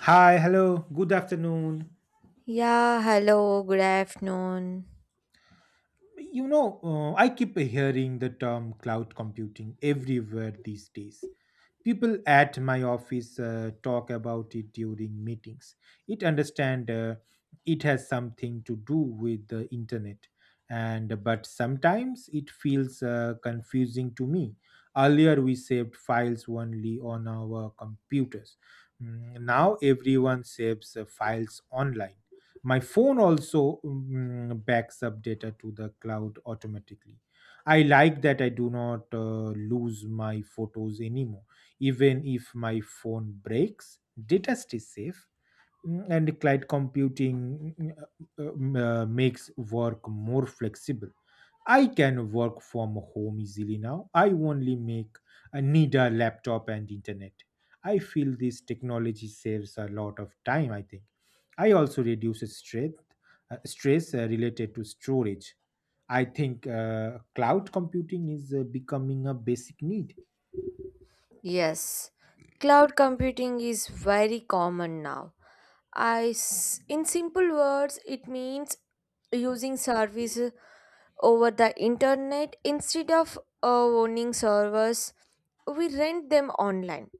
Hi, hello, good afternoon. Yeah, hello, good afternoon. I keep hearing the term cloud computing everywhere these days. People at my office talk about it during meetings. It understand it has something to do with the internet, and but sometimes it feels confusing to me. Earlier we saved files only on our computers. Now everyone saves files online. My phone also backs up data to the cloud automatically. I like that I do not lose my photos anymore, even if my phone breaks, data stays safe. And cloud computing makes work more flexible. I can work from home easily now. I only make need a laptop and internet. I feel this technology saves a lot of time, I think. I also reduce stress, stress related to storage. I think cloud computing is becoming a basic need. Yes, cloud computing is very common now. In simple words, it means using service over the internet instead of owning servers. We rent them online.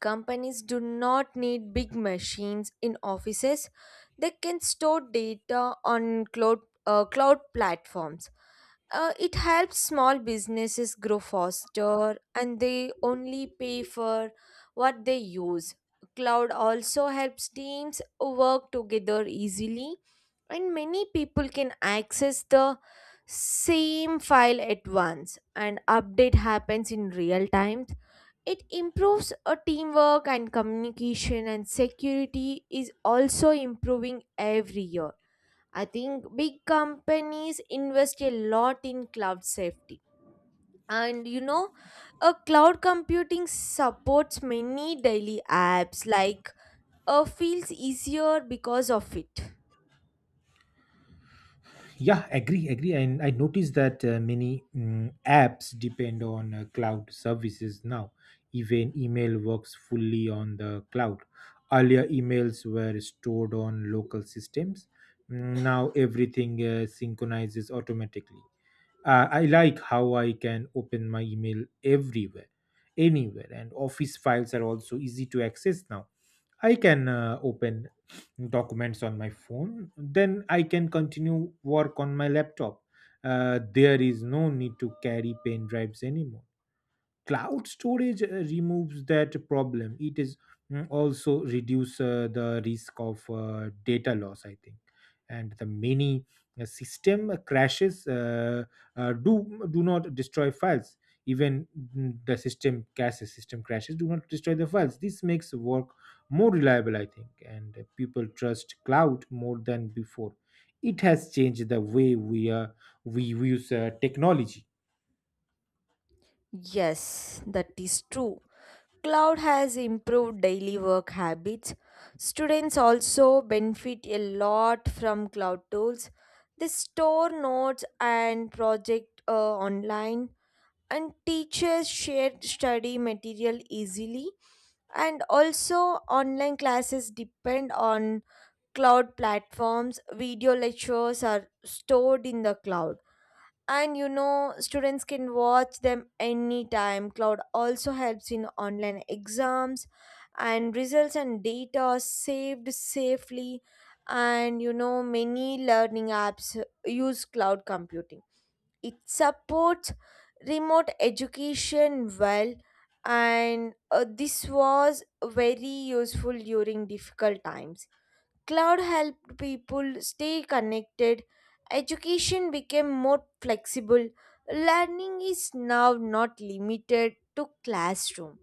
Companies do not need big machines in offices. They can store data on cloud platforms. It helps small businesses grow faster, and they only pay for what they use. Cloud also helps teams work together easily, and many people can access the same file at once, and update happens in real time. It improves a teamwork and communication, and security is also improving every year. I think big companies invest a lot in cloud safety. And you know, a cloud computing supports many daily apps like feels easier because of it. Yeah, agree, agree. And I noticed that many apps depend on cloud services now. Even email works fully on the cloud. Earlier, emails were stored on local systems. Now everything synchronizes automatically. I like how I can open my email everywhere, anywhere, and office files are also easy to access now. I can open documents on my phone, then I can continue work on my laptop. There is no need to carry pen drives anymore. Cloud storage removes that problem. It is also reduce the risk of data loss, I think. And the many system crashes do not destroy files. Even the system caches system crashes do not destroy the files. This makes work more reliable, I think, and people trust cloud more than before. It has changed the way we we use technology. Yes, that is true. Cloud has improved daily work habits. Students also benefit a lot from cloud tools. They store notes and project online, and teachers share study material easily. And also online classes depend on cloud platforms. Video lectures are stored in the cloud, and you know students can watch them anytime. Cloud also helps in online exams, and results and data are saved safely. And you know many learning apps use cloud computing. It supports remote education well, and this was very useful during difficult times. Cloud helped people stay connected, education became more flexible, learning is now not limited to classroom.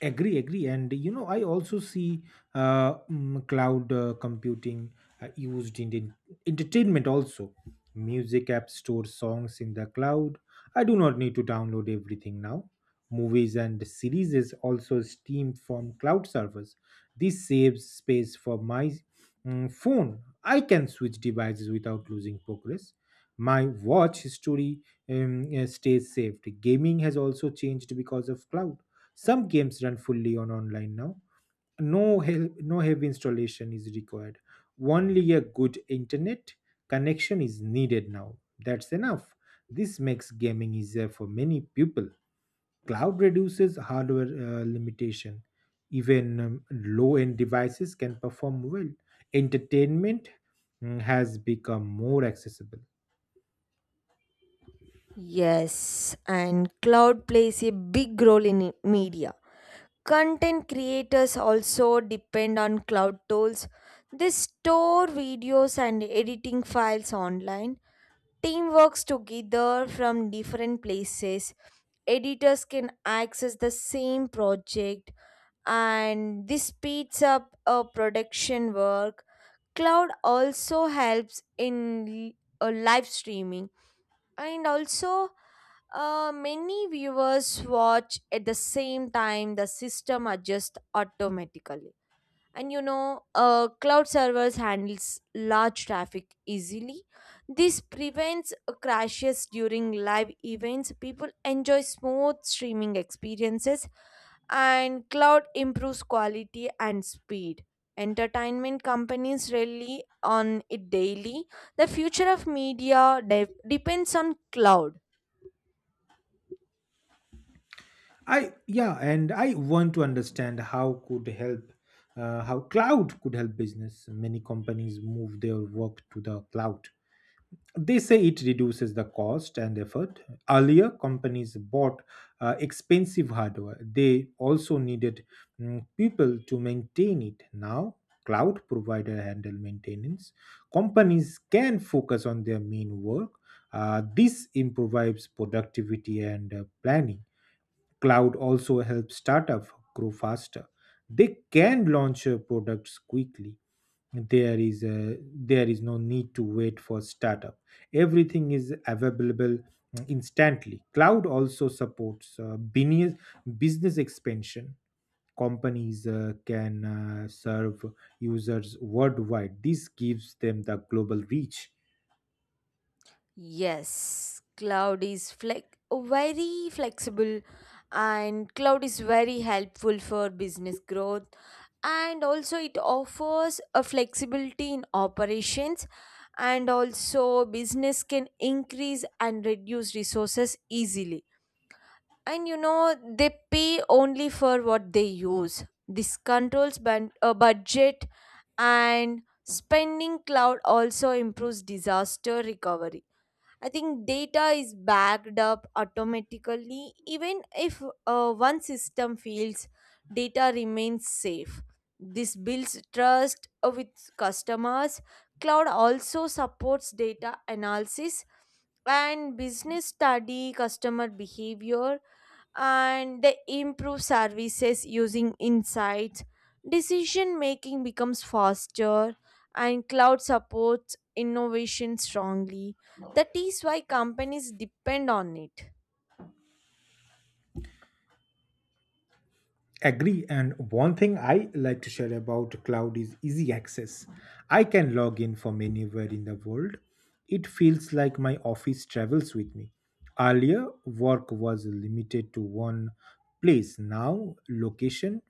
Agree, agree, and you know, I also see cloud computing used in the entertainment also. Music apps store songs in the cloud. I do not need to download everything now. Movies and series is also streamed from cloud servers. This saves space for my phone. I can switch devices without losing progress. My watch history stays saved. Gaming has also changed because of cloud. Some games run fully on online now. No, no heavy installation is required. Only a good internet connection is needed now. That's enough. This makes gaming easier for many people. Cloud reduces hardware limitation. Even low end devices can perform well. Entertainment has become more accessible. Yes, and cloud plays a big role in media. Content creators also depend on cloud tools. They store videos and editing files online. Team works together from different places. Editors can access the same project, and this speeds up a production work. Cloud also helps in live streaming. And also many viewers watch at the same time. The system adjusts automatically, and you know cloud servers handles large traffic easily. This prevents crashes during live events. People enjoy smooth streaming experiences, and cloud improves quality and speed. Entertainment companies rely on it daily. The future of media depends on cloud. And I want to understand how could help how cloud could help business. Many companies move their work to the cloud. They say it reduces the cost and effort. Earlier, companies bought expensive hardware. They also needed people to maintain it. Now, cloud provider handle maintenance. Companies can focus on their main work. This improves productivity and planning. Cloud also helps startups grow faster. They can launch products quickly. There is no need to wait for startup. Everything is available instantly. Cloud also supports business expansion. Companies can serve users worldwide. This gives them the global reach. Yes, cloud is flex very flexible, and cloud is very helpful for business growth. And also it offers a flexibility in operations, and also business can increase and reduce resources easily. And you know they pay only for what they use. This controls budget and spending. Cloud also improves disaster recovery, I think. Data is backed up automatically. Even if one system fails, data remains safe. This builds trust with customers. Cloud also supports data analysis, and business study customer behavior, and they improve services using insights. Decision making becomes faster, and cloud supports innovation strongly. That is why companies depend on it. Agree. And one thing I like to share about cloud is easy access. I can log in from anywhere in the world. It feels like my office travels with me. Earlier, work was limited to one place. Now, location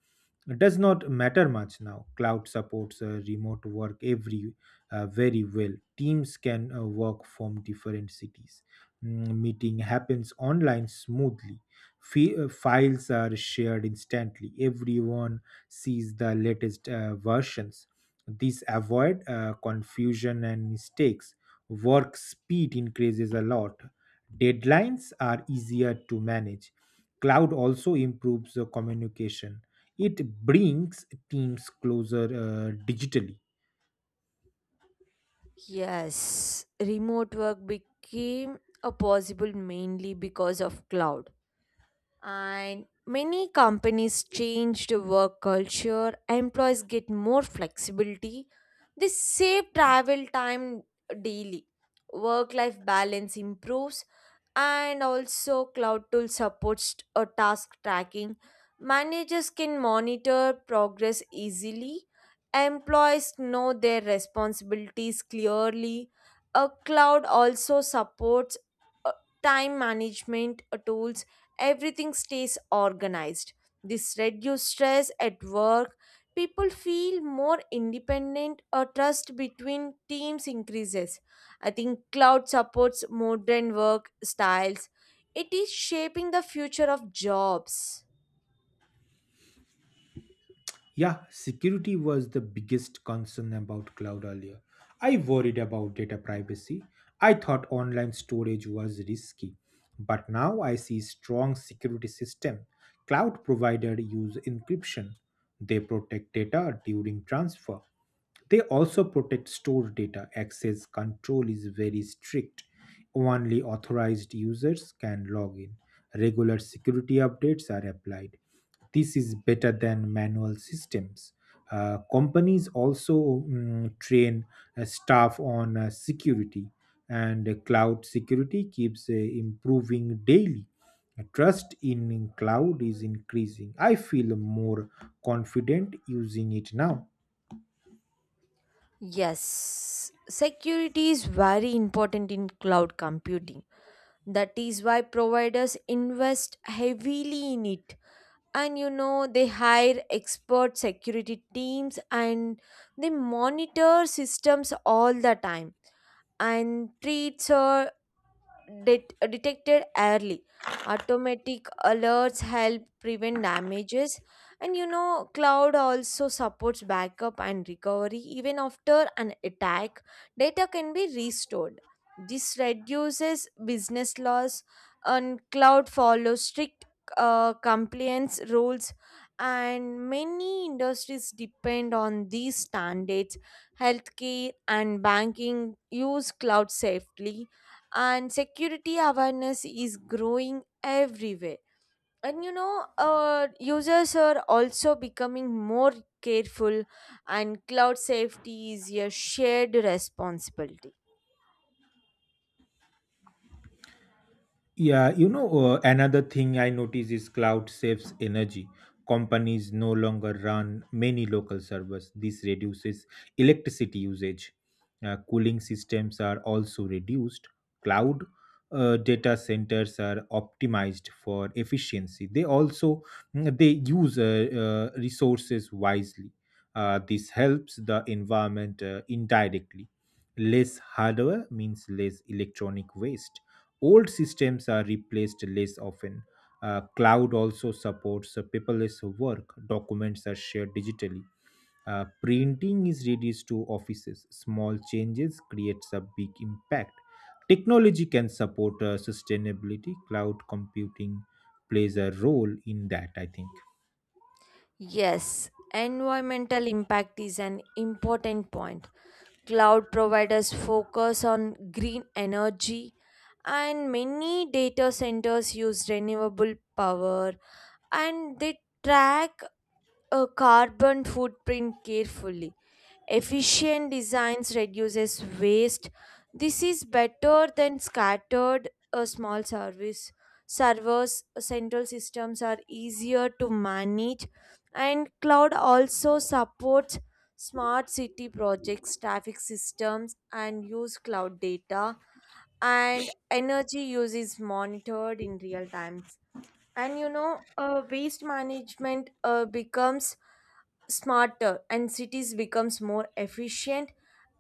does not matter much now. Cloud supports remote work every very well. Teams can work from different cities. Meeting happens online smoothly. Files are shared instantly. Everyone sees the latest versions. This avoid confusion and mistakes. Work speed increases a lot. Deadlines are easier to manage. Cloud also improves the communication. It brings teams closer digitally. Yes, remote work became a possible mainly because of cloud. And many companies change the work culture, employees get more flexibility, they save travel time daily, work life balance improves. And also cloud tool supports a task tracking. Managers can monitor progress easily. Employees know their responsibilities clearly. A cloud also supports uh, time management tools. Everything stays organized. This reduces stress at work. People feel more independent, a trust between teams increases. I think cloud supports modern work styles. It is shaping the future of jobs. Yeah, security was the biggest concern about cloud earlier. I worried about data privacy. I thought online storage was risky, but now I see strong security system. Cloud provider use encryption. They protect data during transfer. They also protect store data. Access control is very strict. Only authorized users can log in. Regular security updates are applied. This is better than manual systems. Companies also train staff on security, and cloud security keeps improving daily. Trust in cloud is increasing. I feel more confident using it now. Yes, security is very important in cloud computing. That is why providers invest heavily in it. And you know, they hire expert security teams, and they monitor systems all the time, and treats detected early. Automatic alerts help prevent damages, and you know, cloud also supports backup and recovery. Even after an attack, data can be restored. This reduces business loss, and cloud follows strict compliance rules. And many industries depend on these standards. Healthcare and banking use cloud safely, and security awareness is growing everywhere. And you know users are also becoming more careful, and cloud safety is a shared responsibility. Yeah, you know, another thing I notice is cloud saves energy. Companies no longer run many local servers. This reduces electricity usage. Cooling systems are also reduced. Cloud data centers are optimized for efficiency. They also they use resources wisely. This helps the environment indirectly. Less hardware means less electronic waste. Old systems are replaced less often. Cloud also supports paperless work. Documents are shared digitally. Printing is reduced to offices. Small changes creates a big impact. Technology can support sustainability. Cloud computing plays a role in that, I think. Yes, environmental impact is an important point. Cloud providers focus on green energy, and many data centers use renewable power, and they track a carbon footprint carefully. Efficient designs reduces waste. This is better than scattered uh, small service, servers. Central systems are easier to manage, and cloud also supports smart city projects, traffic systems, and use cloud data. And energy use is monitored in real times. And you know waste management becomes smarter, and cities becomes more efficient.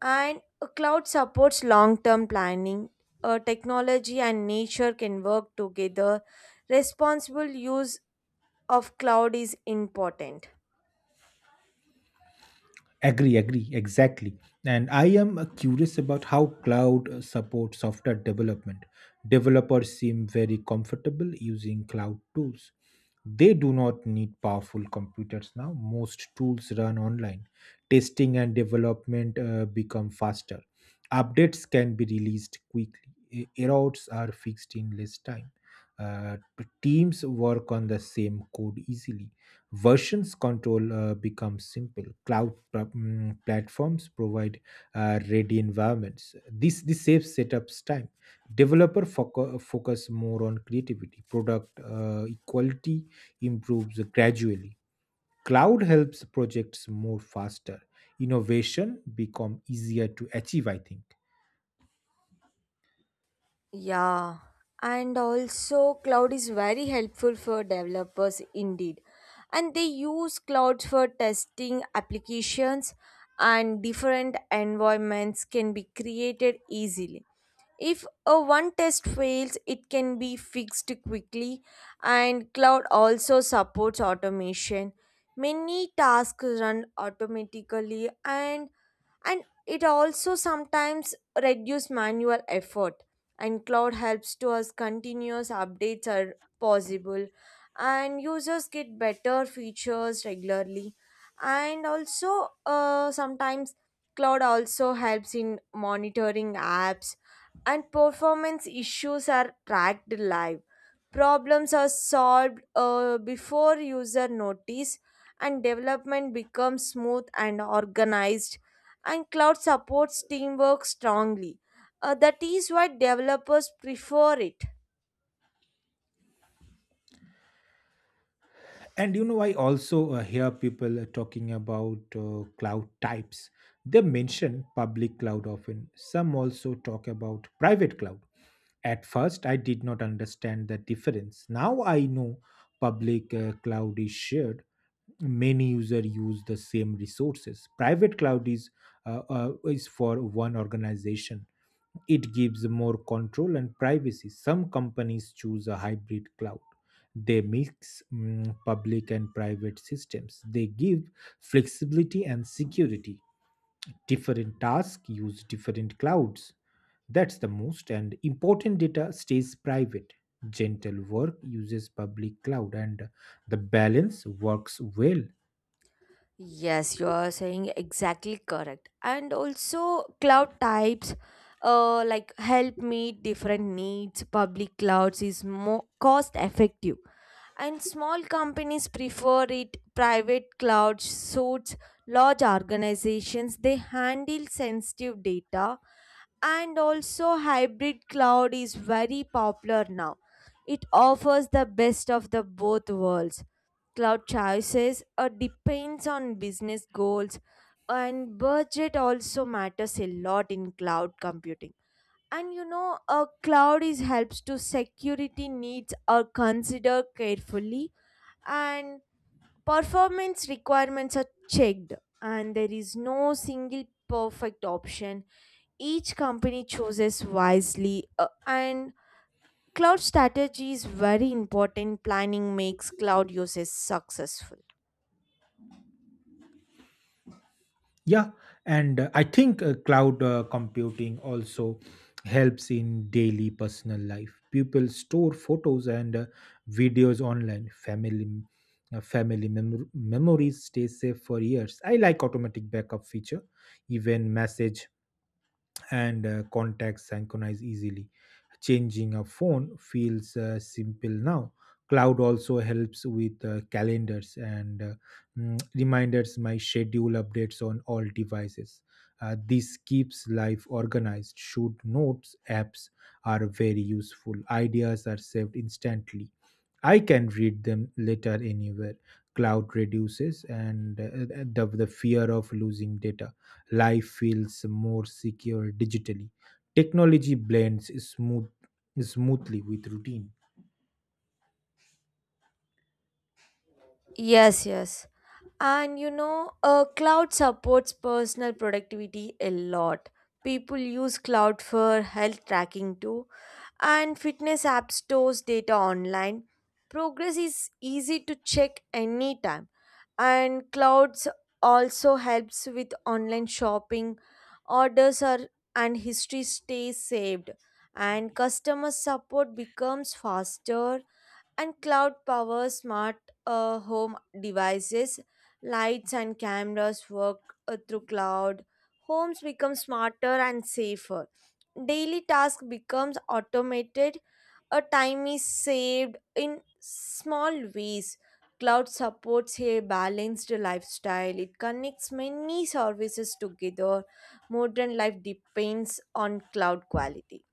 And a cloud supports long term planning. Technology and nature can work together. Responsible use of cloud is important. Agree, agree, exactly. And I am curious about how cloud supports software development. Developers seem very comfortable using cloud tools. They do not need powerful computers now. Most tools run online. Testing and development become faster. Updates can be released quickly. Errors are fixed in less time. Uh, Teams work on the same code easily. Versions control becomes simple. Cloud platforms provide ready environments. This saves setups time. Developer focus more on creativity. Product quality improves gradually. Cloud helps projects more faster. Innovation become easier to achieve, I think. Yeah, and also cloud is very helpful for developers indeed. And they use cloud for testing applications, and different environments can be created easily. If a one test fails, it can be fixed quickly. And cloud also supports automation. Many tasks run automatically, and it also sometimes reduce manual effort. And cloud helps to us continuous updates are possible, and users get better features regularly. And also sometimes cloud also helps in monitoring apps, and performance issues are tracked live. Problems are solved before user notice, and development becomes smooth and organized. And cloud supports teamwork strongly. That is why developers prefer it. And you know, I also hear people talking about cloud types. They mention public cloud often. Some also talk about private cloud. At first, I did not understand the difference. Now I know public cloud is shared. Many users use the same resources. Private cloud is for one organization. It gives more control and privacy. Some companies choose a hybrid cloud. They mix public and private systems. They give flexibility and security. Different tasks use different clouds. That's the most and important data stays private. Gentle work uses public cloud, and the balance works well. Yes, you are saying exactly correct. And also, cloud types like help meet different needs. Public clouds is more cost effective, and small companies prefer it. Private cloud suits large organizations. They handle sensitive data, and also hybrid cloud is very popular now. It offers the best of the both worlds. Cloud choices depends on business goals, and budget also matters a lot in cloud computing. And you know a cloud is helps to security needs are considered carefully, and performance requirements are checked. And there is no single perfect option. Each company chooses wisely, and cloud strategy is very important. Planning makes cloud uses successful. Yeah, and I think cloud computing also helps in daily personal life. People store photos and videos online. Family memories stay safe for years. I like automatic backup feature. Even message and contacts synchronize easily. Changing a phone feels simple now. Cloud also helps with calendars and reminders. My schedule updates on all devices. This keeps life organized. Shoot notes apps are very useful. Ideas are saved instantly. I can read them later anywhere. Cloud reduces and the fear of losing data. Life feels more secure digitally. Technology blends smoothly with routine. Yes, yes. And you know, cloud supports personal productivity a lot. People use cloud for health tracking too, and fitness app stores data online. Progress is easy to check anytime, and clouds also helps with online shopping. Orders are and history stays saved, and customer support becomes faster. And cloud power smart home devices. Lights and cameras work through cloud. Homes become smarter and safer. Daily task becomes automated, a time is saved in small ways. Cloud supports a balanced lifestyle. It connects many services together. Modern life depends on cloud quality.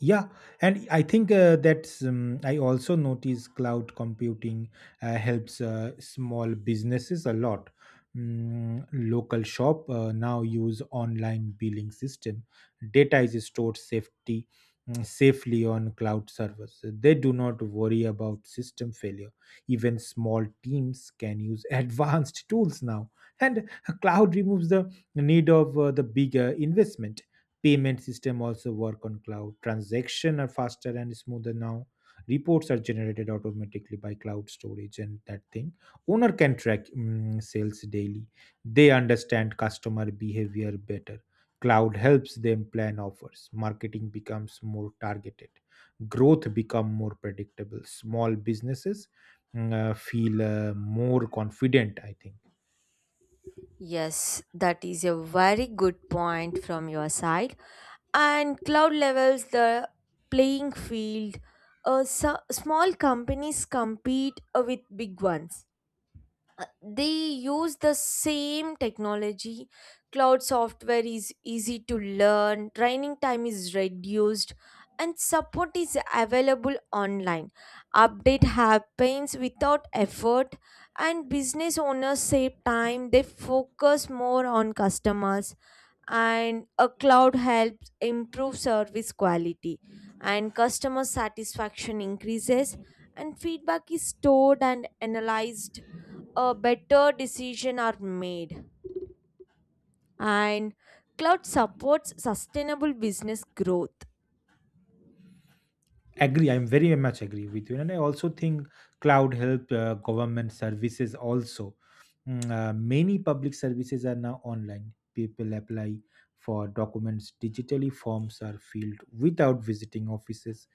Yeah, and I think that's I also notice cloud computing helps small businesses a lot. Local shop now use online billing system. Data is stored safety safely on cloud servers. They do not worry about system failure. Even small teams can use advanced tools now, and cloud removes the need of the bigger investment. Payment system also work on cloud. Transaction are faster and smoother now. Reports are generated automatically by cloud storage and that thing. Owner can track sales daily. They understand customer behavior better. Cloud helps them plan offers. Marketing becomes more targeted. Growth become more predictable. Small businesses feel more confident, I think. Yes, that is a very good point from your side. And cloud levels the playing field. So small companies compete with big ones. They use the same technology. Cloud software is easy to learn. Training time is reduced, and support is available online. Update happens without effort, and business owners save time. They focus more on customers, and a cloud helps improve service quality, and customer satisfaction increases, and feedback is stored and analyzed. A better decision are made, and cloud supports sustainable business growth. Agree, I'm very much agree with you, and I also think cloud help government services also. Many public services are now online. People apply for documents digitally. Forms are filled without visiting offices.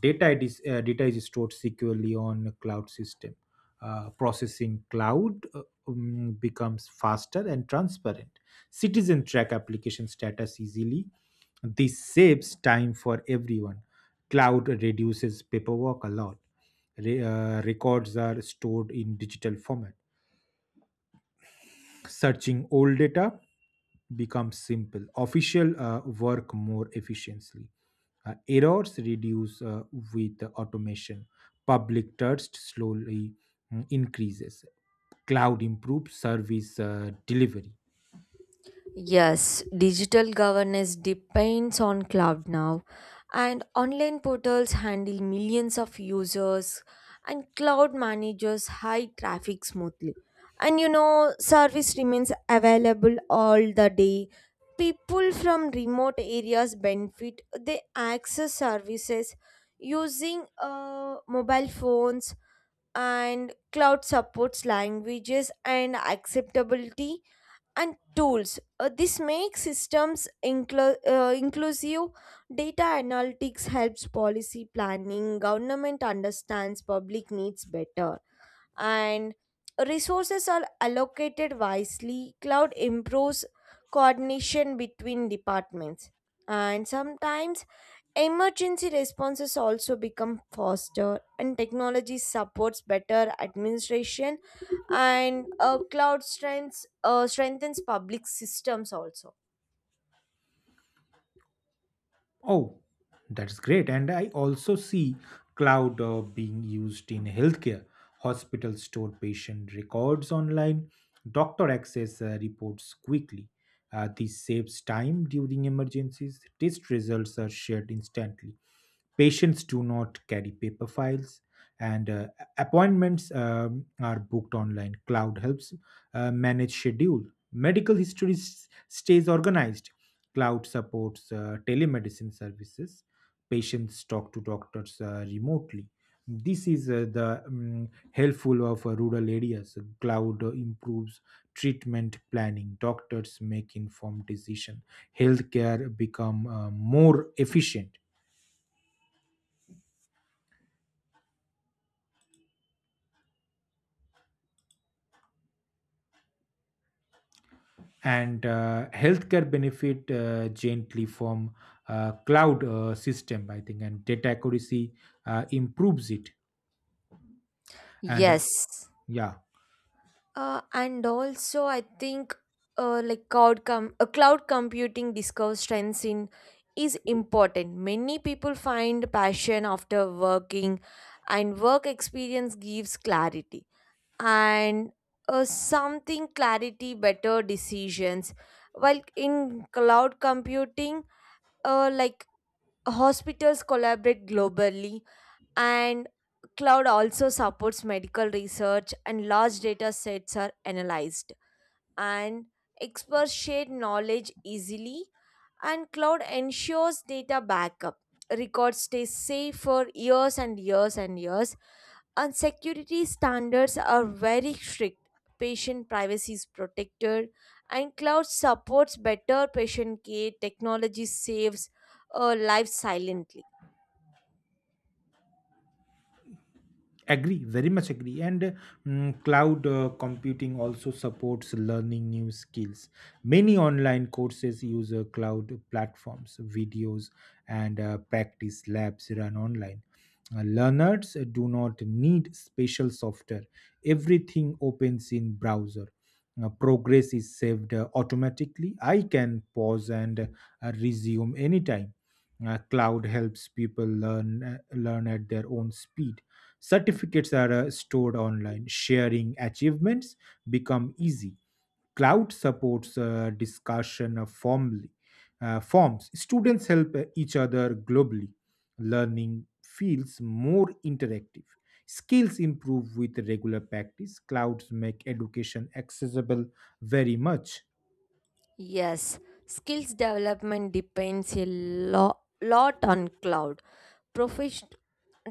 Data is stored securely on a cloud system. Processing cloud becomes faster and transparent. Citizen track application status easily. This saves time for everyone. Cloud reduces paperwork a lot. Records are stored in digital format. Searching old data becomes simple. Official work more efficiently. Errors reduce with automation. Public trust slowly increases. Cloud improves service delivery. Yes, digital governance depends on cloud now, and online portals handle millions of users, and cloud manages high traffic smoothly. And you know, service remains available all the day. People from remote areas benefit, they access services using mobile phones, and cloud supports languages and acceptability and tools. This makes systems inclusive. Data analytics helps policy planning. Government understands public needs better, and resources are allocated wisely. Cloud improves coordination between departments, and sometimes emergency responses also become faster, and technology supports better administration, and cloud strengths strengthens public systems also. Oh, that's great. And I also see cloud being used in healthcare. Hospitals store patient records online. Doctor access reports quickly. This saves time during emergencies. Test results are shared instantly. Patients do not carry paper files, and appointments are booked online. Cloud helps manage schedule. Medical history stays organized. Cloud supports telemedicine services. Patients talk to doctors remotely. This is the helpful of rural areas. Cloud improves treatment planning. Doctors make informed decision. Healthcare become more efficient. And Healthcare benefit gently from cloud system, I think. And data accuracy improves it. And Yes. Yeah, And also, I think like cloud computing discovers strengths in is important. Many people find passion after working, and work experience gives clarity. And something clarity better decisions while in cloud computing, like hospitals collaborate globally. And cloud also supports medical research, and large data sets are analyzed, and experts share knowledge easily. And cloud ensures data backup. Records stay safe for years and years and years, and security standards are very strict. Patient privacy is protected, and cloud supports better patient care. Technology saves lives silently. agree, very much agree. Cloud computing also supports learning new skills. Many online courses use cloud platforms, videos, and practice labs run online. Learners do not need special software, everything opens in browser. Progress is saved automatically. I can pause and resume anytime. Cloud helps people learn learn at their own speed. Certificates are stored online. Sharing achievements become easy. Cloud supports discussion of formally, forms. Students help each other globally. Learning feels more interactive. Skills improve with regular practice. Clouds make education accessible very much. Yes, skills development depends a lot on cloud. Professional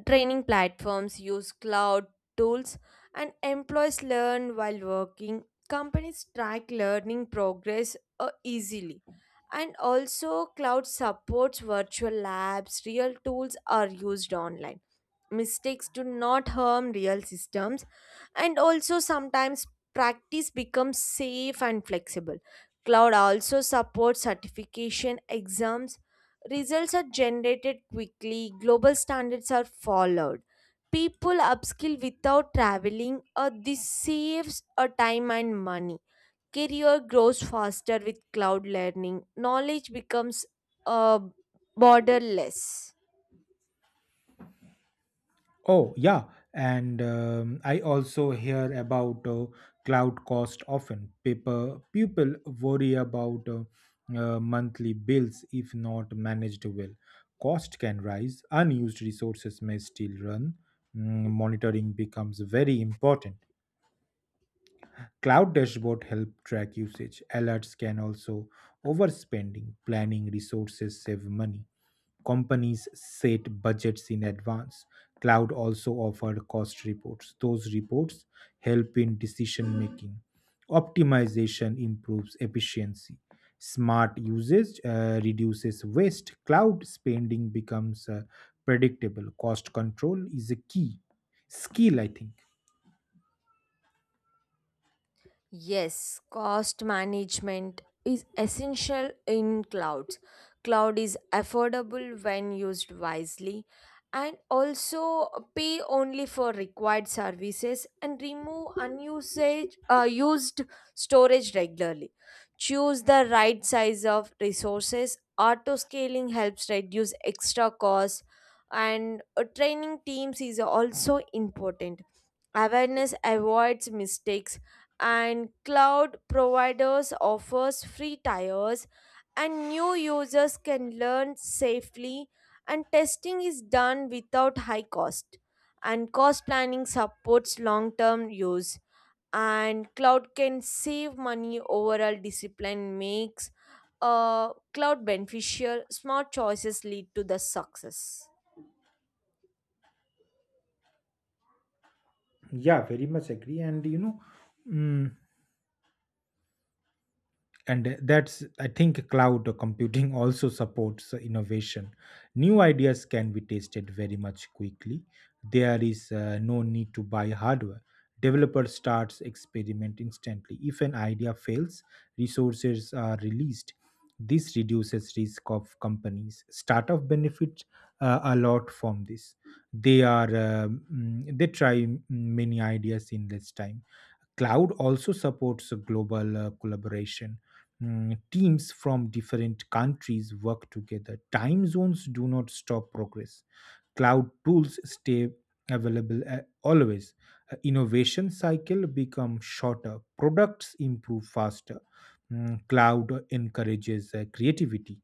training platforms use cloud tools, and employees learn while working. Companies track learning progress easily. And also, cloud supports virtual labs, real tools are used online. Mistakes do not harm real systems, and also, sometimes practice becomes safe and flexible. Cloud also supports certification exams. Results are generated quickly, global standards are followed. People upskill without traveling, or this saves a time and money. Career grows faster with cloud learning. Knowledge becomes uh, borderless. Oh, yeah. And I also hear about cloud cost often. People worry about monthly bills if not managed well. Cost can rise, unused resources may still run. Monitoring becomes very important. Cloud dashboard help track usage. Alerts can also overspending, planning resources save money. Companies set budgets in advance. Cloud also offer cost reports. Those reports help in decision making. Optimization improves efficiency. Smart usage reduces waste. Cloud spending becomes predictable. Cost control is a key skill, I think. Yes, cost management is essential in clouds. Cloud is affordable when used wisely. And also pay only for required services and remove unused used storage regularly. Choose the right size of resources. Auto scaling helps reduce extra costs, and training teams is also important. Awareness avoids mistakes, and cloud providers offers free tires, and new users can learn safely, and testing is done without high cost. And cost planning supports long term use, and cloud can save money overall. Discipline makes cloud beneficial. Smart choices lead to the success. Yeah, very much agree. And you know, mm, and that's I think cloud computing also supports innovation. New ideas can be tested very much quickly. There is no need to buy hardware. Developer starts experiment instantly. If an idea fails, resources are released. This reduces risk of companies. Startup benefit a lot from this. They try many ideas in less time. Cloud also supports global collaboration. Teams from different countries work together. Time zones do not stop progress. Cloud tools stay available always. Innovation cycle become shorter. Products improve faster. Cloud encourages creativity.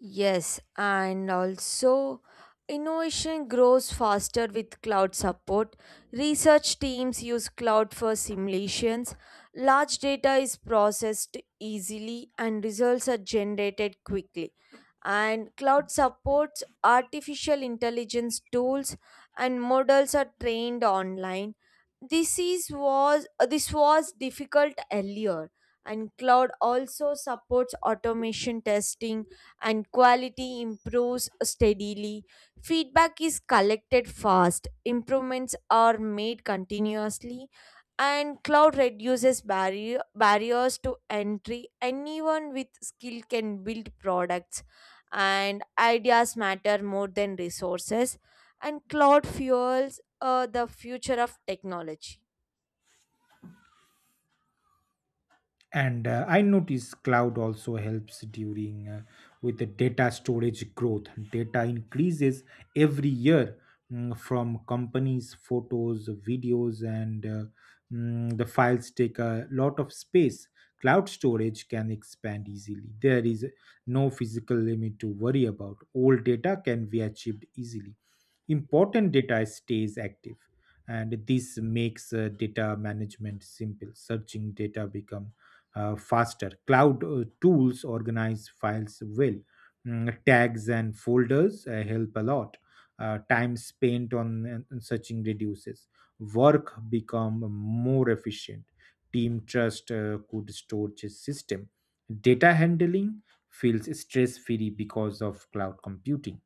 Yes, and also innovation grows faster with cloud support. Research teams use cloud for simulations. Large data is processed easily, and results are generated quickly. And cloud supports artificial intelligence tools, and models are trained online. This was difficult earlier, and cloud also supports automation testing, and quality improves steadily. Feedback is collected fast, improvements are made continuously, and cloud reduces barriers to entry. Anyone with skill can build products, and ideas matter more than resources. And cloud fuels the future of technology. And I notice cloud also helps during with the data storage growth. Data increases every year, from companies, photos, videos, and the files take a lot of space. Cloud storage can expand easily, there is no physical limit to worry about. Old data can be achieved easily, important data stays active, and this makes data management simple. Searching data become faster. Cloud tools organize files well. Tags and folders help a lot. Time spent on searching reduces. Work become more efficient. Team trust could storage system. Data handling feels stress free because of cloud computing.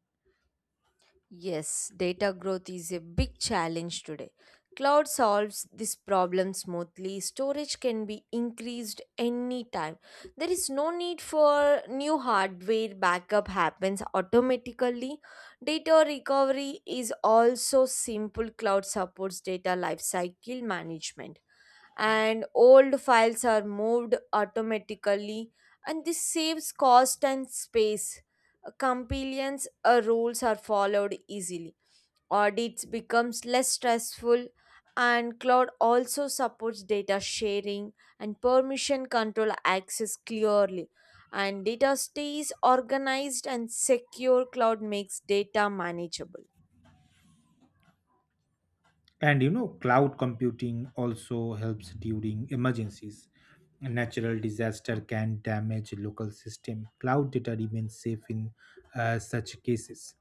Yes, data growth is a big challenge today. Cloud solves this problem smoothly. Storage can be increased anytime. There is no need for new hardware. Backup happens automatically. Data recovery is also simple. Cloud supports data lifecycle management, and old files are moved automatically, and this saves cost and space. Compliance rules are followed easily. Audits becomes less stressful, and cloud also supports data sharing, and permission control access clearly, and data stays organized and secure. Cloud makes data manageable. And you know, cloud computing also helps during emergencies. A natural disaster can damage local system. Cloud data remains safe in such cases.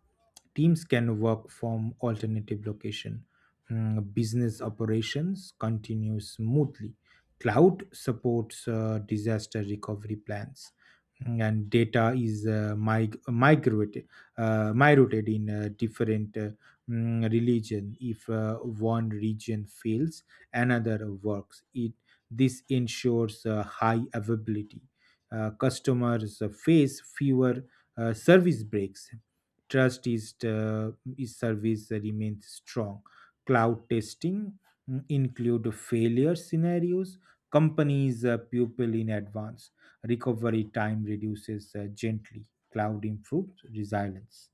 Teams can work from alternative location. Business operations continue smoothly. Cloud supports disaster recovery plans. And data is migrated migrated in different, religion. If one region fails, another works it. This ensures high availability. Customers face fewer service breaks. Trust is Is service remains strong. Cloud testing include failure scenarios. Companies pupil in advance. Recovery time reduces gently. Cloud improves resilience.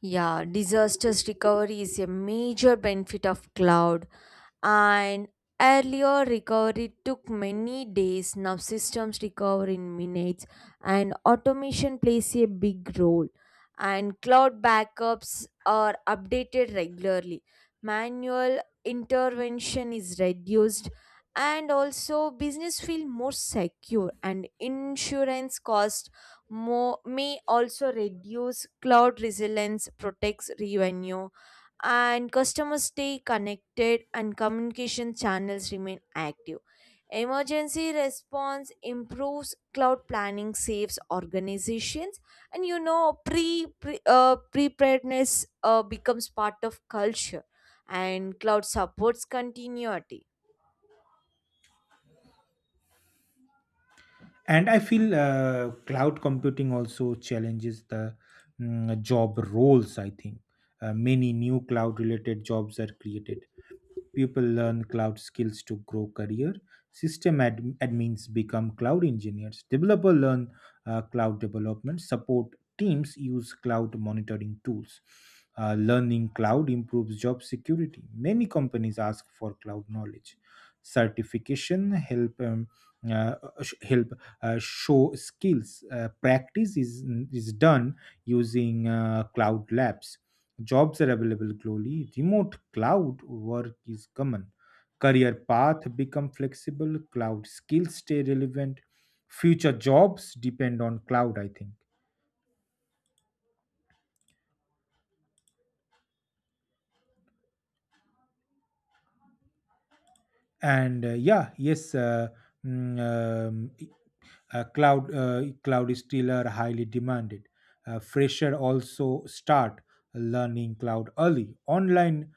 Yeah, disasters recovery is a major benefit of cloud. And earlier recovery took many days. Now systems recover in minutes, and automation plays a big role, and cloud backups are updated regularly. Manual intervention is reduced, and also business feel more secure, and insurance cost more may also reduce. Cloud resilience protects revenue, and customers stay connected, and communication channels remain active. Emergency response improves cloud planning, saves organizations, and you know preparedness becomes part of culture, and cloud supports continuity And I feel cloud computing also challenges the job roles, I think. Many new cloud related jobs are created. People learn cloud skills to grow career. System admins become cloud engineers. Developer learn cloud development. Support teams use cloud monitoring tools. Learning cloud improves job security. Many companies ask for cloud knowledge. Certification uh, help show skills. Practice is done using cloud labs. Jobs are available globally. Remote cloud work is common. Career path become flexible. Cloud skills stay relevant. Future jobs depend on cloud, I think. And yeah, yes, mm, um, cloud cloud is still are highly demanded. Fresher also start learning cloud early. Online